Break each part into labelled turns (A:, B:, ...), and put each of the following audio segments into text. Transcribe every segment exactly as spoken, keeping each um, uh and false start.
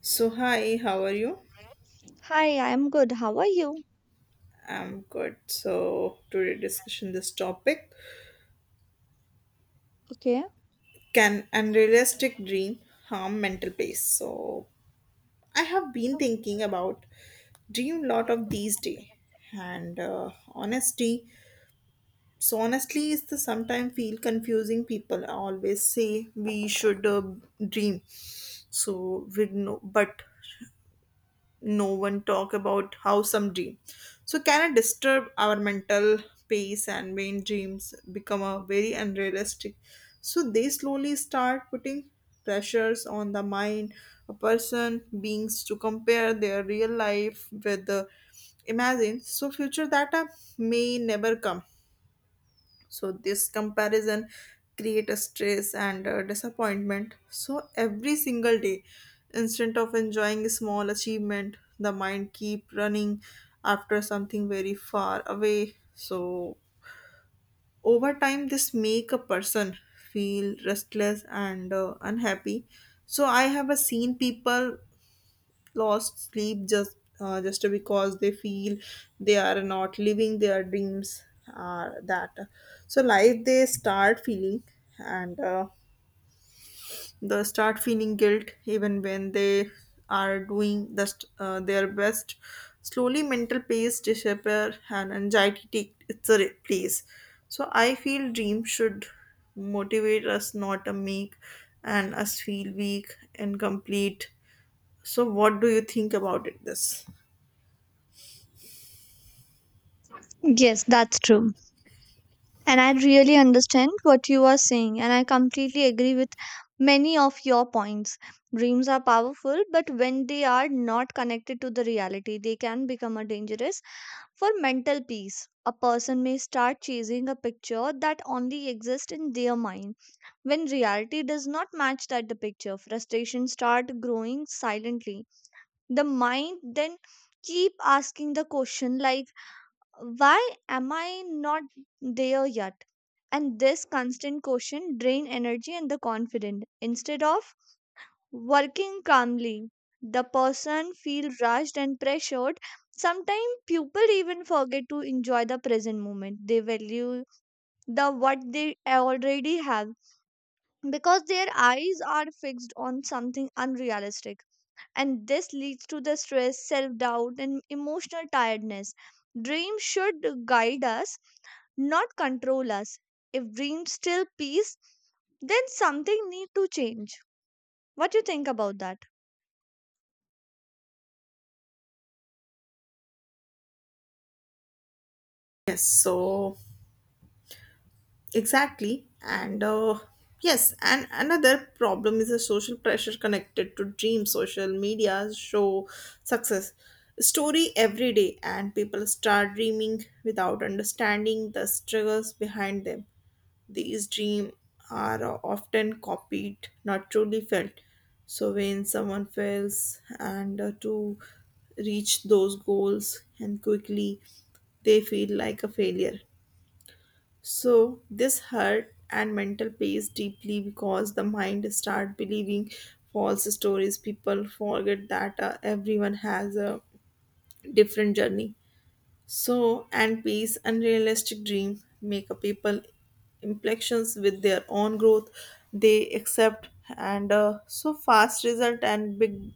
A: So hi, how are you?
B: Hi, I'm good. How are you?
A: I'm good. So today discussion this topic
B: Okay.
A: can unrealistic dream harm mental peace. So I have been thinking about dream lot of these day and uh, honesty. So honestly, is the sometimes feel confusing. People always say we should uh, dream, so we know, but no one talk about how some dream so can it disturb our mental pace and main dreams become a very unrealistic so they slowly start putting pressures on the mind a person beings to compare their real life with the imagine so future data may never come so this comparison create a stress and uh, disappointment so every single day instead of enjoying a small achievement the mind keep running after something very far away so over time this make a person feel restless and uh, unhappy so I have uh, seen people lost sleep just uh, just because they feel they are not living their dreams uh, that so life they start feeling and uh, they start feeling guilt even when they are doing the, st- uh, their best slowly mental peace disappear and anxiety take its re- place so I feel dreams should motivate us not to make and us feel weak and complete so what do you think about it this.
B: Yes, that's true. And I really understand what you are saying, and I completely agree with many of your points. Dreams are powerful, but when they are not connected to the reality, they can become a dangerous for mental peace. A person may start chasing a picture that only exists in their mind. When reality does not match that the picture, frustration start growing silently. The mind then keep asking the question like, why am I not there yet? And this constant question drain energy and the confidence. Instead of working calmly, the person feel rushed and pressured. Sometimes people even forget to enjoy the present moment, they value the what they already have because their eyes are fixed on something unrealistic. And this leads to the stress, self doubt and emotional tiredness. Dreams should guide us, not control us. If dreams still peace, then something need to change. What do you think about that?
A: Yes, so exactly. And uh, yes, and another problem is the social pressure connected to dream social media show success story every day, and people start dreaming without understanding the struggles behind them. These dreams are uh, often copied, not truly felt. So when someone fails and uh, to reach those goals and quickly, they feel like a failure. So this hurt and mental plays deeply because the mind start believing false stories. People forget that uh, everyone has a different journey. So and peace, unrealistic dream make a people impressions with their own growth. They accept and uh, so fast result and big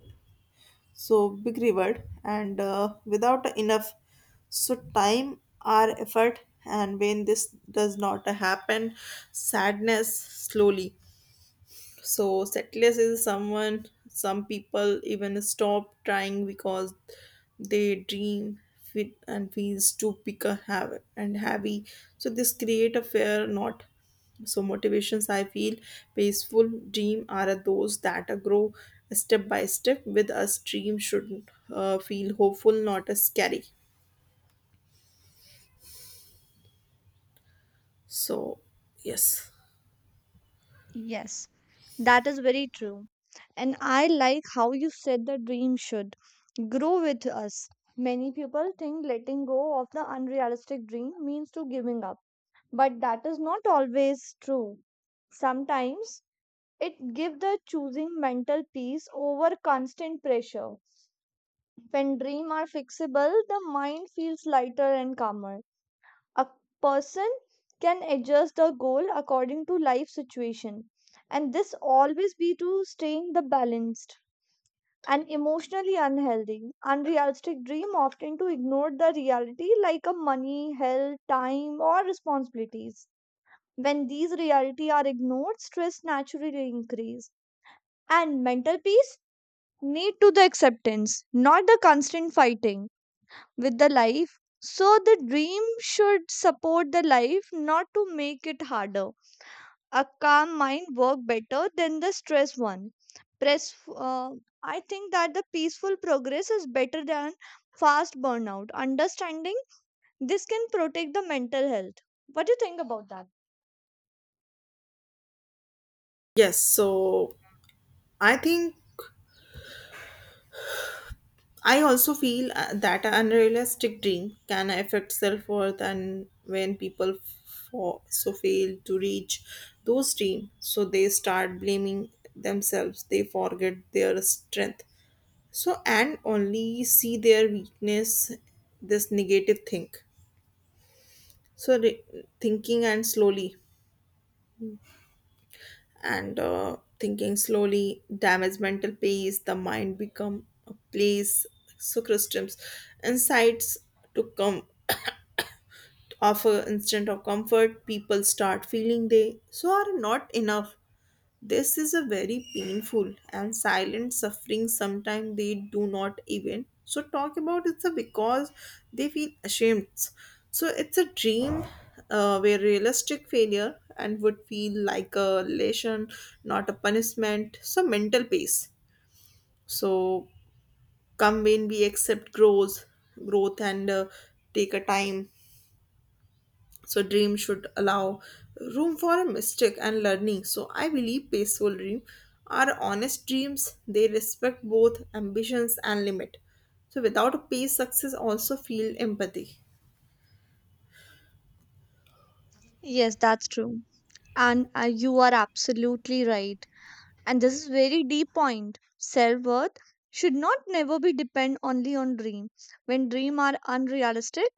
A: so big reward and uh, without enough so time or effort and when this does not happen sadness slowly so settlers is someone some people even stop trying because they dream fit and feels too big a have and heavy. So this create a fear not. So motivations I feel peaceful dream are those that grow step by step with us. Dream should uh, feel hopeful, not as scary. So yes,
B: Yes. That is very true, and I like how you said the dream should grow with us. Many people think letting go of the unrealistic dream means to giving up, but that is not always true. Sometimes it gives the choosing mental peace over constant pressure. When dreams are fixable, the mind feels lighter and calmer. A person can adjust the goal according to life situation. And this always be to staying the balanced and emotionally unhealthy. Unrealistic dream often to ignore the reality like a money, health, time or responsibilities. When these reality are ignored, stress naturally increase and mental peace need to the acceptance, not the constant fighting with the life. So the dream should support the life, not to make it harder. A calm mind work better than the stress one. Press. Uh, I think that the peaceful progress is better than fast burnout. Understanding this can protect the mental health. What do you think about that?
A: yes. So I think I also feel uh, that an unrealistic dream can affect self worth, and when people fa- so fail to reach those dreams, so they start blaming themselves, they forget their strength. So, and only see their weakness, this negative think. So, re- thinking and slowly and uh, thinking slowly damage mental peace the mind become a place so systems insights to come offer instant of comfort people start feeling they so are not enough this is a very painful and silent suffering sometimes they do not even so talk about it sir, because they feel ashamed. So it's a dream uh, where realistic failure and would feel like a lesson, not a punishment. So mental peace. So come when we accept growth, growth and uh, take a time so dreams should allow room for a mistake and learning. So I believe peaceful dreams are honest dreams. They respect both ambitions and limit. So without a peace, success also feel empathy.
B: Yes, that's true. And uh, you are absolutely right. And this is very deep point. Self-worth should not never be depend only on dream. When dream are unrealistic,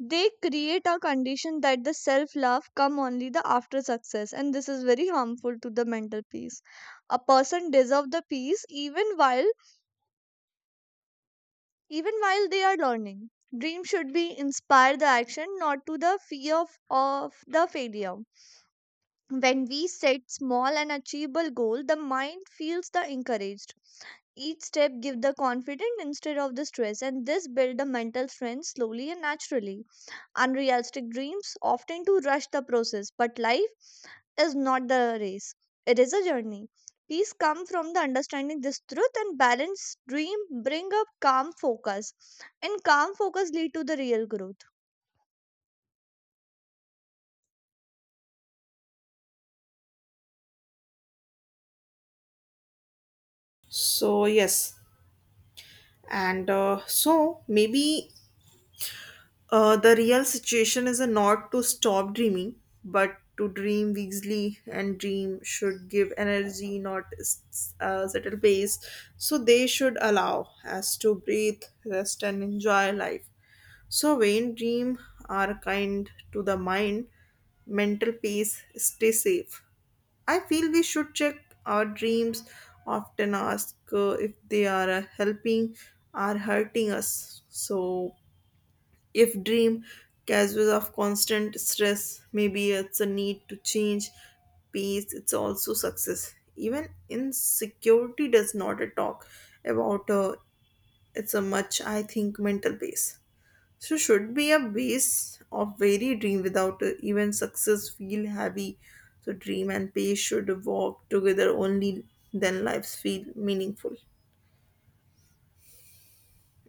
B: they create a condition that the self-love come only the after success, and this is very harmful to the mental peace. A person deserve the peace even while even while they are learning. Dream should be inspire the action, not to the fear of, of the failure. When we set small and achievable goal, the mind feels the encouraged. Each step give the confidence instead of the stress, and this build the mental strength slowly and naturally. Unrealistic dreams often to rush the process, but life is not the race, it is a journey. Peace come from the understanding this truth, and balanced dream bring up calm focus, and calm focus lead to the real growth.
A: So yes, and uh, so maybe Uh, the real situation is a not to stop dreaming, but to dream wisely, and dream should give energy, not s- uh, settle pace. So they should allow us to breathe, rest, and enjoy life. So vain dream are kind to the mind. Mental peace, stay safe. I feel we should check our dreams. Often ask uh, if they are uh, helping or hurting us. So if dream casual of constant stress, maybe it's a need to change peace, it's also success. Even insecurity does not talk about uh, it's a much I think mental base. So should be a base of very dream without uh, even success feel heavy. So dream and pace should walk together only then lives feel meaningful.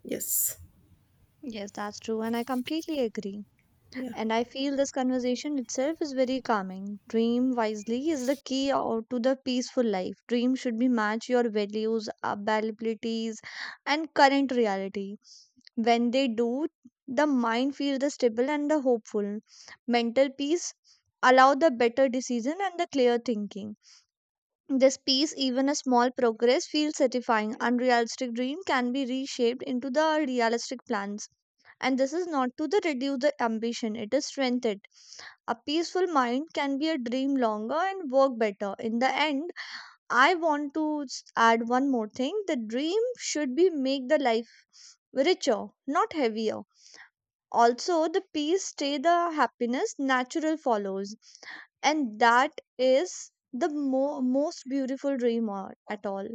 A: Yes.
B: Yes, that's true, and I completely agree.
A: Yeah.
B: And I feel this conversation itself is very calming. Dream wisely is the key out to the peaceful life. Dream should be match your values, uh, abilities, and current reality. When they do, the mind feels the stable and the hopeful. Mental peace allow the better decision and the clear thinking. This peace, even a small progress, feels satisfying. Unrealistic dream can be reshaped into the realistic plans. And this is not to the reduce the ambition, it is strengthened a peaceful mind can be a dream longer and work better. In the end, I want to s- add one more thing. The dream should be make the life richer, not heavier. Also, the peace stay the happiness natural follows. And that is the mo- most beautiful dream or- at all.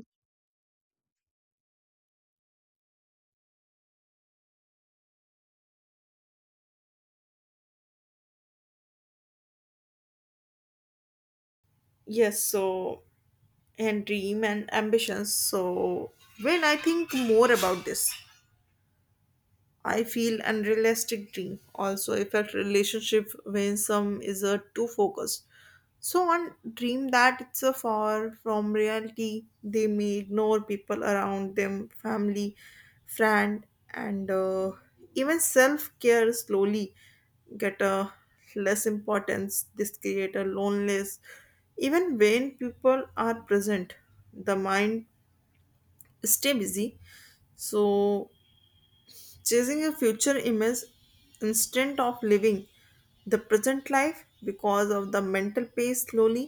A: Yes, so and dream and ambitions. So when I think more about this, I feel unrealistic dream also affect relationship when some is a too focused. So one dream that it's a far from reality, they may ignore people around them, family, friend, and uh, even self care slowly get a less importance. This create a loneliness even when people are present the mind stay busy. So, chasing a future image instead of living the present life because of the mental pace slowly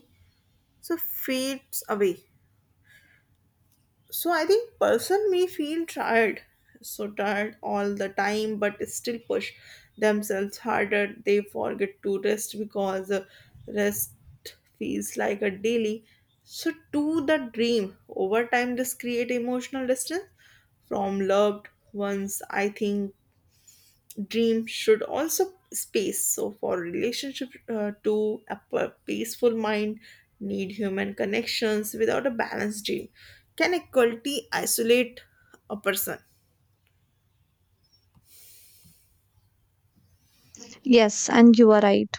A: so fades away. So I think person may feel tired so tired all the time but still push themselves harder they forget to rest because uh, rest feels like a daily so to the dream over time this create emotional distance from loved ones I think Dream should also space so for relationship uh, to a p- peaceful mind need human connections without a balanced dream can equality isolate a person.
B: Yes, and you are right.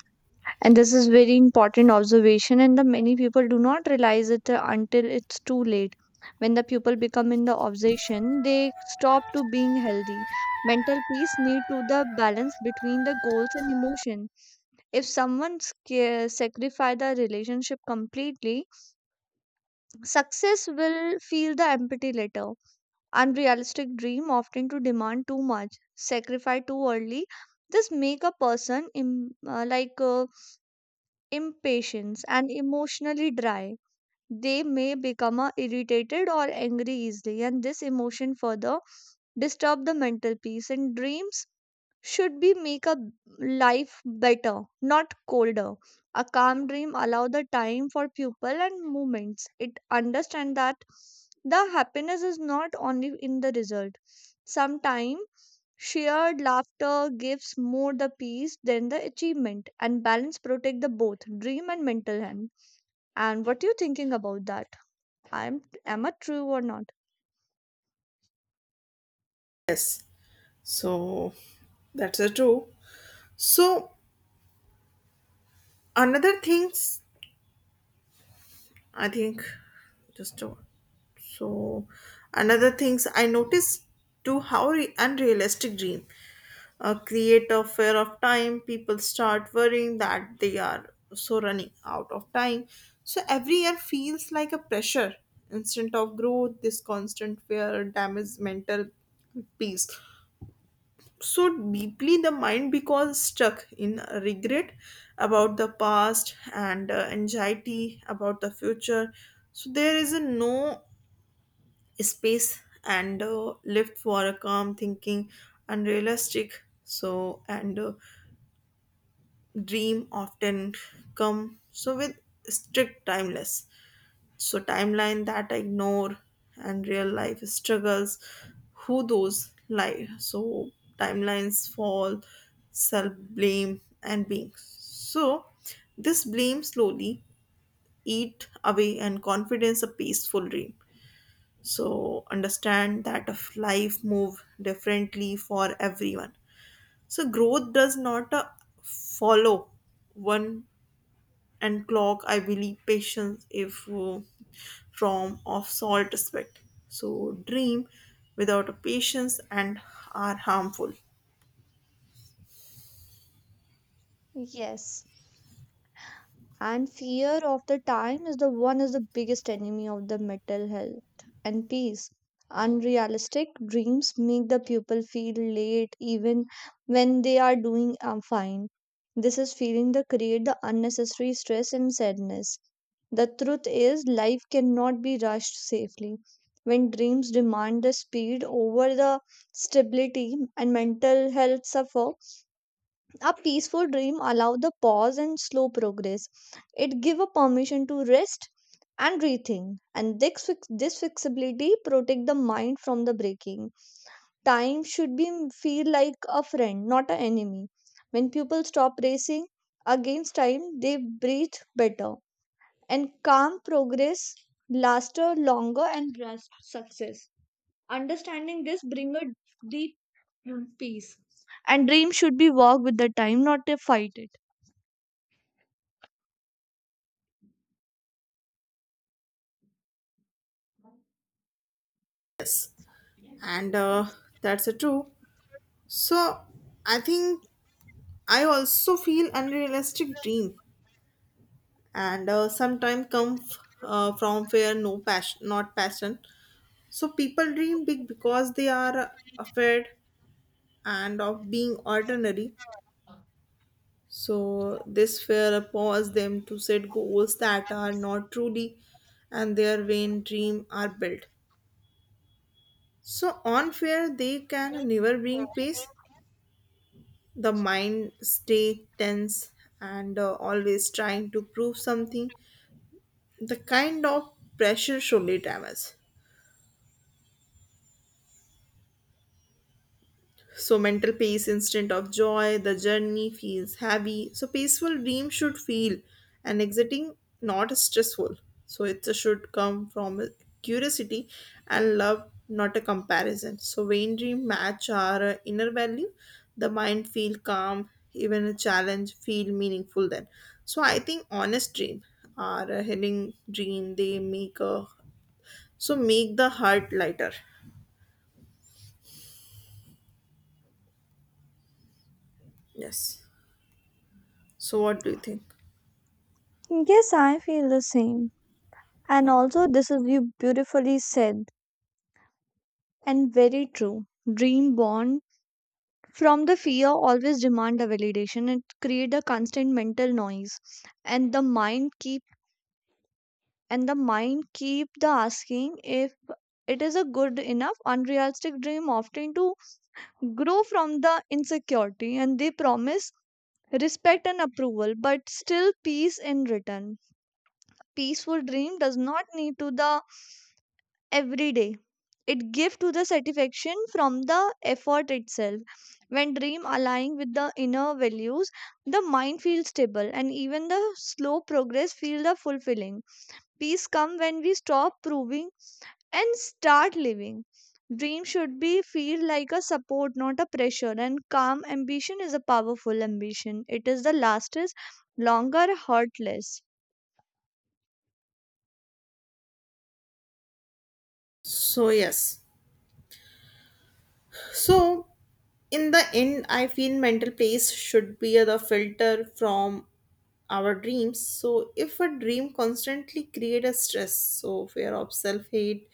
B: And this is very important observation, and the many people do not realize it uh, until it's too late. When the people become in the obsession, they stop to being healthy. Mental peace need to the balance between the goals and emotion. If someone sca- sacrifice the relationship completely, success will feel the empty later. Unrealistic dream often to demand too much, sacrifice too early. This make a person Im- uh, like uh, impatient and emotionally dry. They may become uh, irritated or angry easily, and this emotion further disturb the mental peace in dreams should be make a life better, not colder. A calm dream allow the time for people and movements. It understand that the happiness is not only in the result. Sometimes shared laughter gives more the peace than the achievement, and balance protect the both dream and mental health. And what you thinking about that? I'm am I true or not?
A: Yes so that's a true so another things I think just a, so another things I noticed to how re- unrealistic dream uh, create a fear of time. People start worrying that they are so running out of time. So every year feels like a pressure instead of growth. This constant fear damages mental peace so deeply the mind becomes stuck in regret about the past and uh, anxiety about the future so there is a no space and uh, left for a calm thinking unrealistic so and uh, dream often come so with strict timeless so timeline that ignore and real life struggles, who those lie. So timelines fall, self blame and being. So this blame slowly eat away and confidence a peaceful dream. So understand that of life move differently for everyone. So growth does not uh, follow one and clock I believe patience if uh, from of salt aspect so dream without a patience and are harmful
B: Yes. And fear of the time is the one is the biggest enemy of the mental health and peace. Unrealistic dreams make the pupil feel late even when they are doing um, fine. This is feeling that create the unnecessary stress and sadness. The truth is life cannot be rushed safely. When dreams demand the speed over the stability and mental health suffer, a peaceful dream allow the pause and slow progress. It give a permission to rest and rethink. And this, fix- this flexibility protect the mind from the breaking. Time should be feel like a friend, not an enemy. When people stop racing against time, they breathe better, and calm progress laster longer and grasp success. Understanding this bring a deep peace, and dream should be walk with the time, not to fight it.
A: and uh, that's a true so I think I also feel unrealistic dream and uh, sometimes come f- uh, from fear no passion not passion so people dream big because they are afraid and of being ordinary. So this fear pause them to set goals that are not truly and their vain dream are built. So on fear they can never bring peace. The mind stay tense and uh, always trying to prove something. The kind of pressure surely damage. So, mental peace instead of joy, the journey feels heavy. So, peaceful dream should feel and exiting not stressful. So, it should come from a curiosity and love, not a comparison. So, vain dream match our uh, inner value. The mind feel calm, even a challenge feel meaningful then. So, I think honest dream or a healing dream, they make a, so make the heart lighter. Yes. So, what do you think?
B: Yes, I feel the same. And also, this is you beautifully said and very true. Dream born from the fear always demand a validation. It create a constant mental noise, and the mind keep and the mind keep the asking if it is a good enough. Unrealistic dream often to grow from the insecurity, and they promise respect and approval, but still peace in return. Peaceful dream does not need to the every day. It gives to the satisfaction from the effort itself. When dream align with the inner values, the mind feels stable, and even the slow progress feel the fulfilling. Peace come when we stop proving and start living. Dream should be feel like a support, not a pressure. And calm ambition is a powerful ambition, it is the lastest longer heartless.
A: So, yes. So, in the end, I feel mental place should be the filter from our dreams. So, if a dream constantly create a stress, so fear of self hate,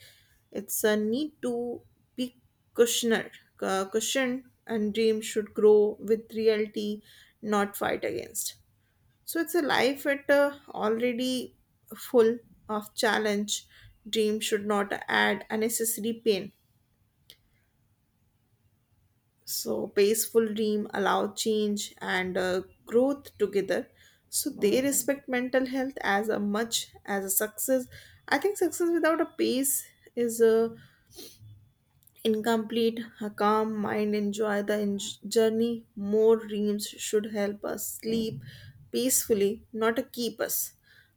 A: it's a need to be cushioned, uh, cushioned, and dream should grow with reality, not fight against. So, it's a life at uh, already full of challenge. Dream should not add unnecessary pain. So, peaceful dream allow change and uh, growth together. So, they respect mental health as a much as a success. I think success without a pace is uh, incomplete. A calm mind enjoy the en- journey. More dreams should help us sleep peacefully, not uh, keep us.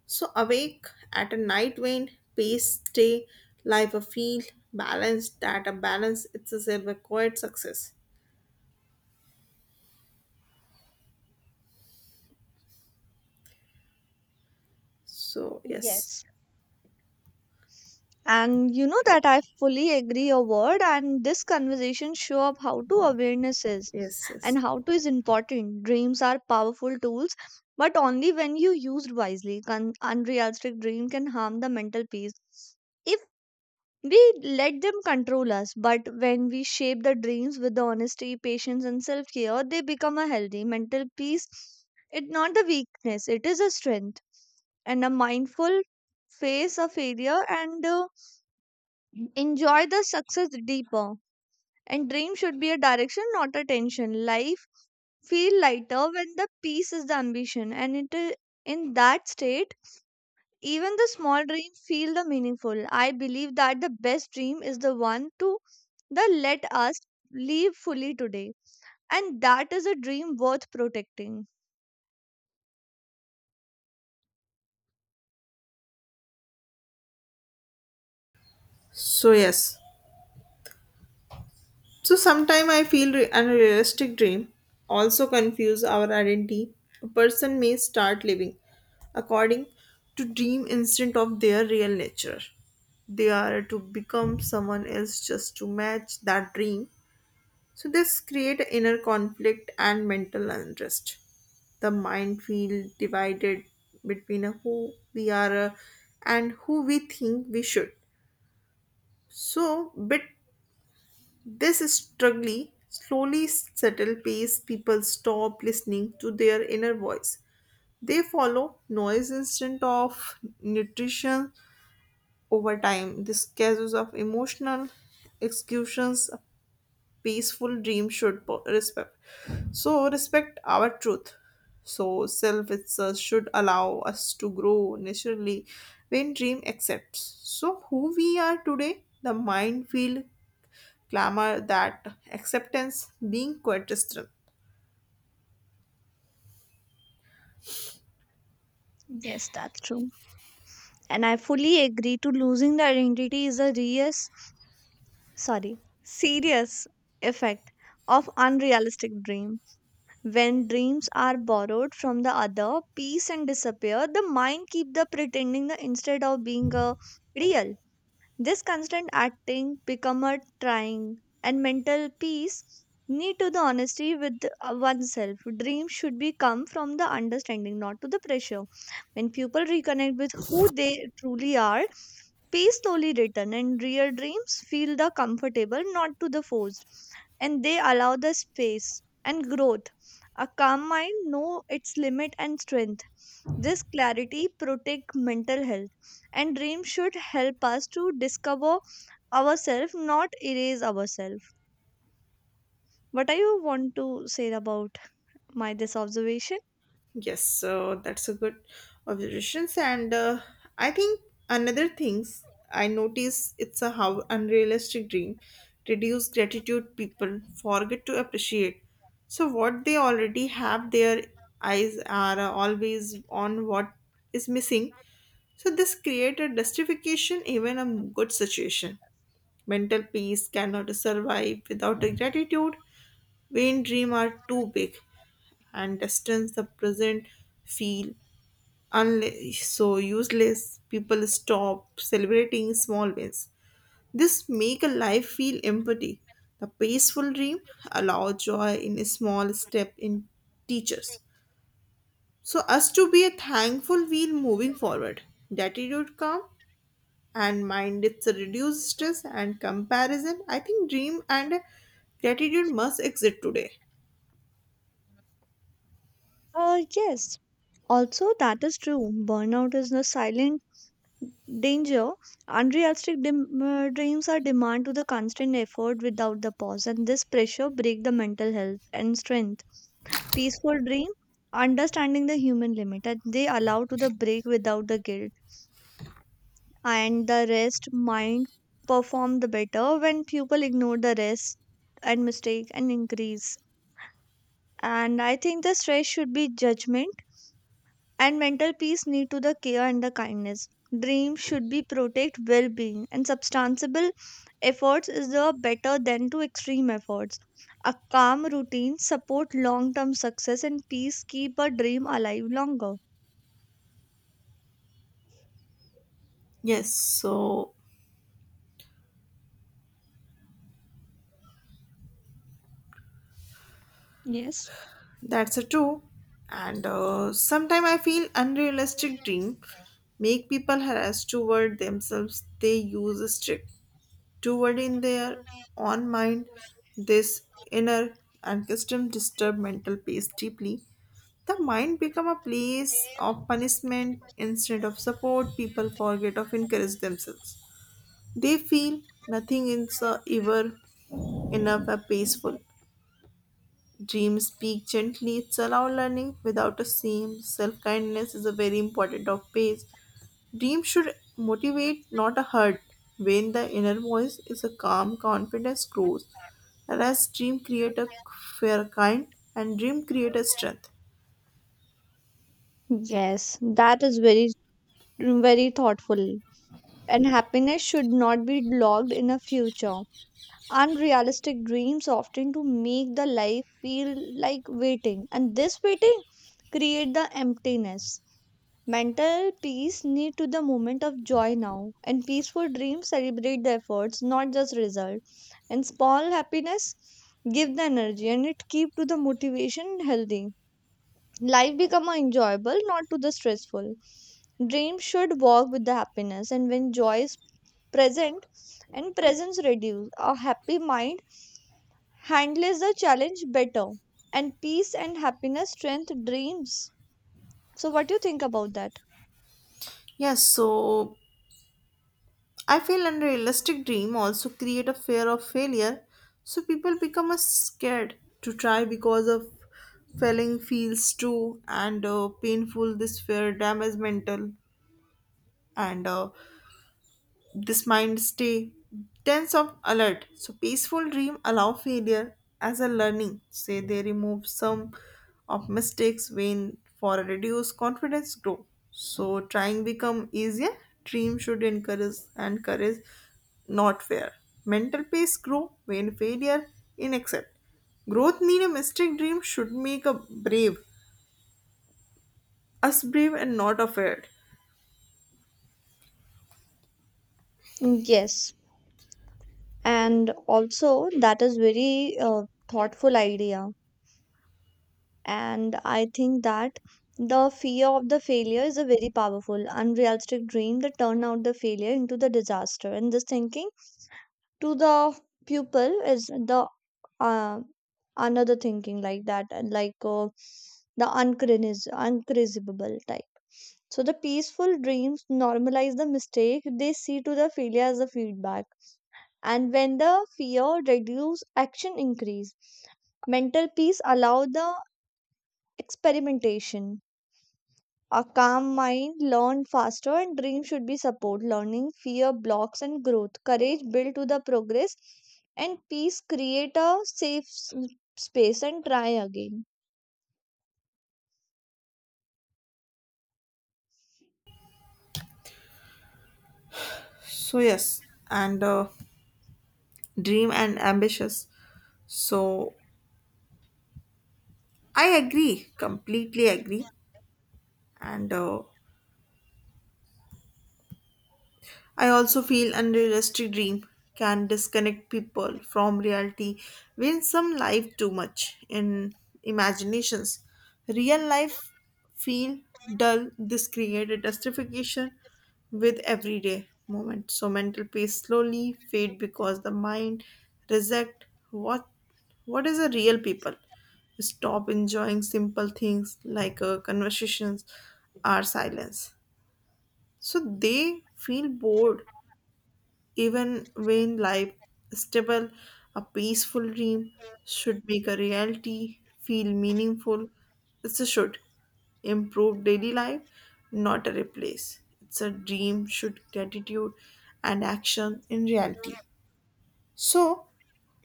A: So, awake at a night wind, pace, stay, life a feel, balance that a balance It's a silver quiet success. So, yes.
B: Yes. And you know that I fully agree a word, and this conversation show up how to awareness is
A: Yes,
B: and
A: yes.
B: how to is important. Dreams are powerful tools, but only when you used wisely. Con- unrealistic dream can harm the mental peace if we let them control us. But when we shape the dreams with the honesty, patience, and self care, they become a healthy mental peace. It's not the weakness; it is a strength and a mindful face of failure and. Uh, Enjoy the success deeper. And dream should be a direction, not a tension. Life feel lighter when the peace is the ambition. And it is in that state, even the small dream feel the meaningful. I believe that the best dream is the one to the let us live fully today. And that is a dream worth protecting.
A: So yes. So sometimes I feel re- unrealistic dream also confuse our identity. A person may start living according to dream instead of their real nature. They are to become someone else just to match that dream. So this create inner conflict and mental unrest. The mind feel divided between who we are uh, and who we think we should. So bit This struggling, slowly settled pace people stop listening to their inner voice. They follow noise instead of nutrition over time. This cases of emotional executions a peaceful dream should po- respect. So respect our truth. So self itself should allow us to grow naturally when dream accepts. So who we are today, the mind field clamor that acceptance being coexistence.
B: Yes, that's true. And I fully agree to losing the identity is a serious, sorry, serious effect of unrealistic dream. When dreams are borrowed from the other, peace and disappear, the mind keep the pretending the instead of being a real. This constant acting become a trying and mental peace need to the honesty with uh, oneself. Dreams should be come from the understanding, not to the pressure. When people reconnect with who they truly are, peace slowly return and real dreams feel the comfortable, not to the forced. And they allow the space and growth. A calm mind know its limit and strength, this clarity protect mental health, and dreams should help us to discover ourselves, not erase ourselves. What I want to say about my this observation?
A: Yes, so that's a good observations. And uh, I think another things I notice it's a how unrealistic dream reduce gratitude people forget to appreciate. So what they already have, their eyes are uh, always on what is missing. So this create a justification even a good situation. Mental peace cannot survive without a gratitude. Vain dreams are too big and distance the present feel unle- so useless. People stop celebrating small wins. This make a life feel empty. The peaceful dream allow joy in a small step in teachers. So us to be a thankful wheel moving forward. Gratitude calm and mind it's a reduced stress and comparison. I think dream and gratitude must exist today.
B: Uh, yes. Also, that is true. Burnout is a silent danger. Unrealistic dem- uh, dreams are demand to the constant effort without the pause, and this pressure break the mental health and strength. Peaceful dream, understanding the human limit, and they allow to the break without the guilt, and the rest mind perform the better when people ignore the rest and mistake and increase. And I think the stress should be judgment, and mental peace need to the care and the kindness. Dream should be protect well-being, and substantial efforts is the better than to extreme efforts. A calm routine support long-term success, and peace keep a dream alive longer.
A: Yes, so
B: Yes.
A: That's a true. And uh, sometimes I feel unrealistic dream make people harass toward themselves. They use a strict toward in their own mind. This inner unaccustomed disturb mental peace deeply. The mind become a place of punishment instead of support. People forget of encourage themselves. They feel nothing is uh, ever enough or peaceful. Dreams speak gently, it's allow learning without a shame. Self kindness is a very important of pace. Dreams should motivate, not a hurt. When the inner voice is a calm, confidence grows. Whereas dream create a fair kind and dream create a strength.
B: Yes, that is very very thoughtful. And happiness should not be locked in a future. Unrealistic dreams often to make the life feel like waiting, and this waiting create the emptiness. Mental peace need to the moment of joy now, and peaceful dreams celebrate the efforts, not just result. And small happiness give the energy, and it keep to the motivation healthy. Life become enjoyable, not to the stressful. Dreams should walk with the happiness, and when joy is present and presence reduce. A happy mind handles the challenge better, and peace and happiness strength dreams. So what do you think about that?
A: Yes, so I feel unrealistic dream also create a fear of failure, so people become uh, scared to try because of failing feels too and uh, painful. This fear damages mental and uh, this mind stay tense of alert. So peaceful dream allow failure as a learning. Say they remove some of mistakes when for a reduced confidence grow. So trying become easier. Dream should encourage and courage, not fear. Mental peace grow when failure in accept. Growth need a mistake dream should make a brave, us brave and not afraid.
B: Yes. And also that is very uh, thoughtful idea. And I think that the fear of the failure is a very powerful, unrealistic dream that turn out the failure into the disaster. And this thinking to the pupil is the uh, another thinking like that, and like uh, the uncrinis- uncrisible type. So the peaceful dreams normalize the mistake. They see to the failure as a feedback. And when the fear reduce, action increase. Mental peace allow the experimentation. A calm mind learn faster and dream should be support. Learning fear blocks and growth. Courage build to the progress, and peace create a safe s- space and try again.
A: So yes, and uh, dream and ambitious. So I agree, completely agree. And uh, I also feel unrealistic dream can disconnect people from reality when some live too much in imaginations. Real life feel dull. This created justification with everyday moment. So mental peace slowly fade because the mind reject what what is a real people. Stop enjoying simple things like uh, conversations or silence. So they feel bored even when life stable, a peaceful dream should make a reality feel meaningful. It's a should improve daily life, not a replace. It's a dream should gratitude and action in reality. So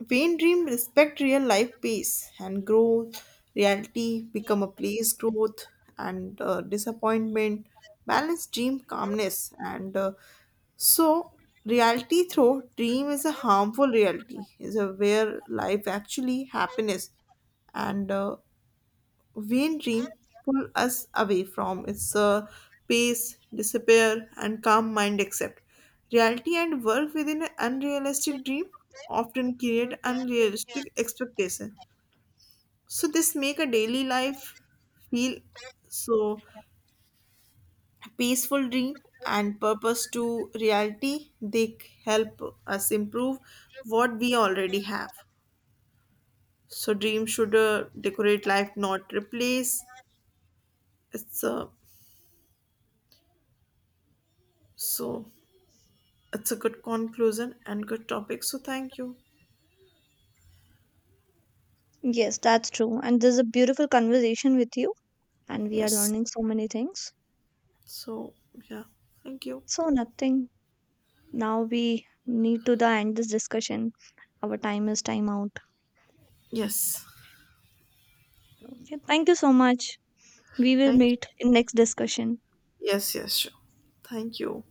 A: when dream respect real life pace and growth, reality become a place growth and uh, disappointment, balance dream calmness and uh, so, reality through dream is a harmful reality, is a where life actually happiness and uh, vain dream pull us away from its uh, pace, disappear, and calm mind accept. Reality and work within an unrealistic dream often create unrealistic expectation. So this make a daily life feel so peaceful dream and purpose to reality they help us improve what we already have so dream should uh, decorate life not replace it's a so it's a good conclusion and good topic so thank you.
B: Yes, that's true. And this is a beautiful conversation with you, and we are
A: Yes
B: learning so many things.
A: so yeah thank you.
B: So nothing. Now we need to the end this discussion. Our time is time out.
A: Yes
B: Okay, thank you so much. We will
A: thank
B: meet in next discussion.
A: you. Yes, yes sure, thank you.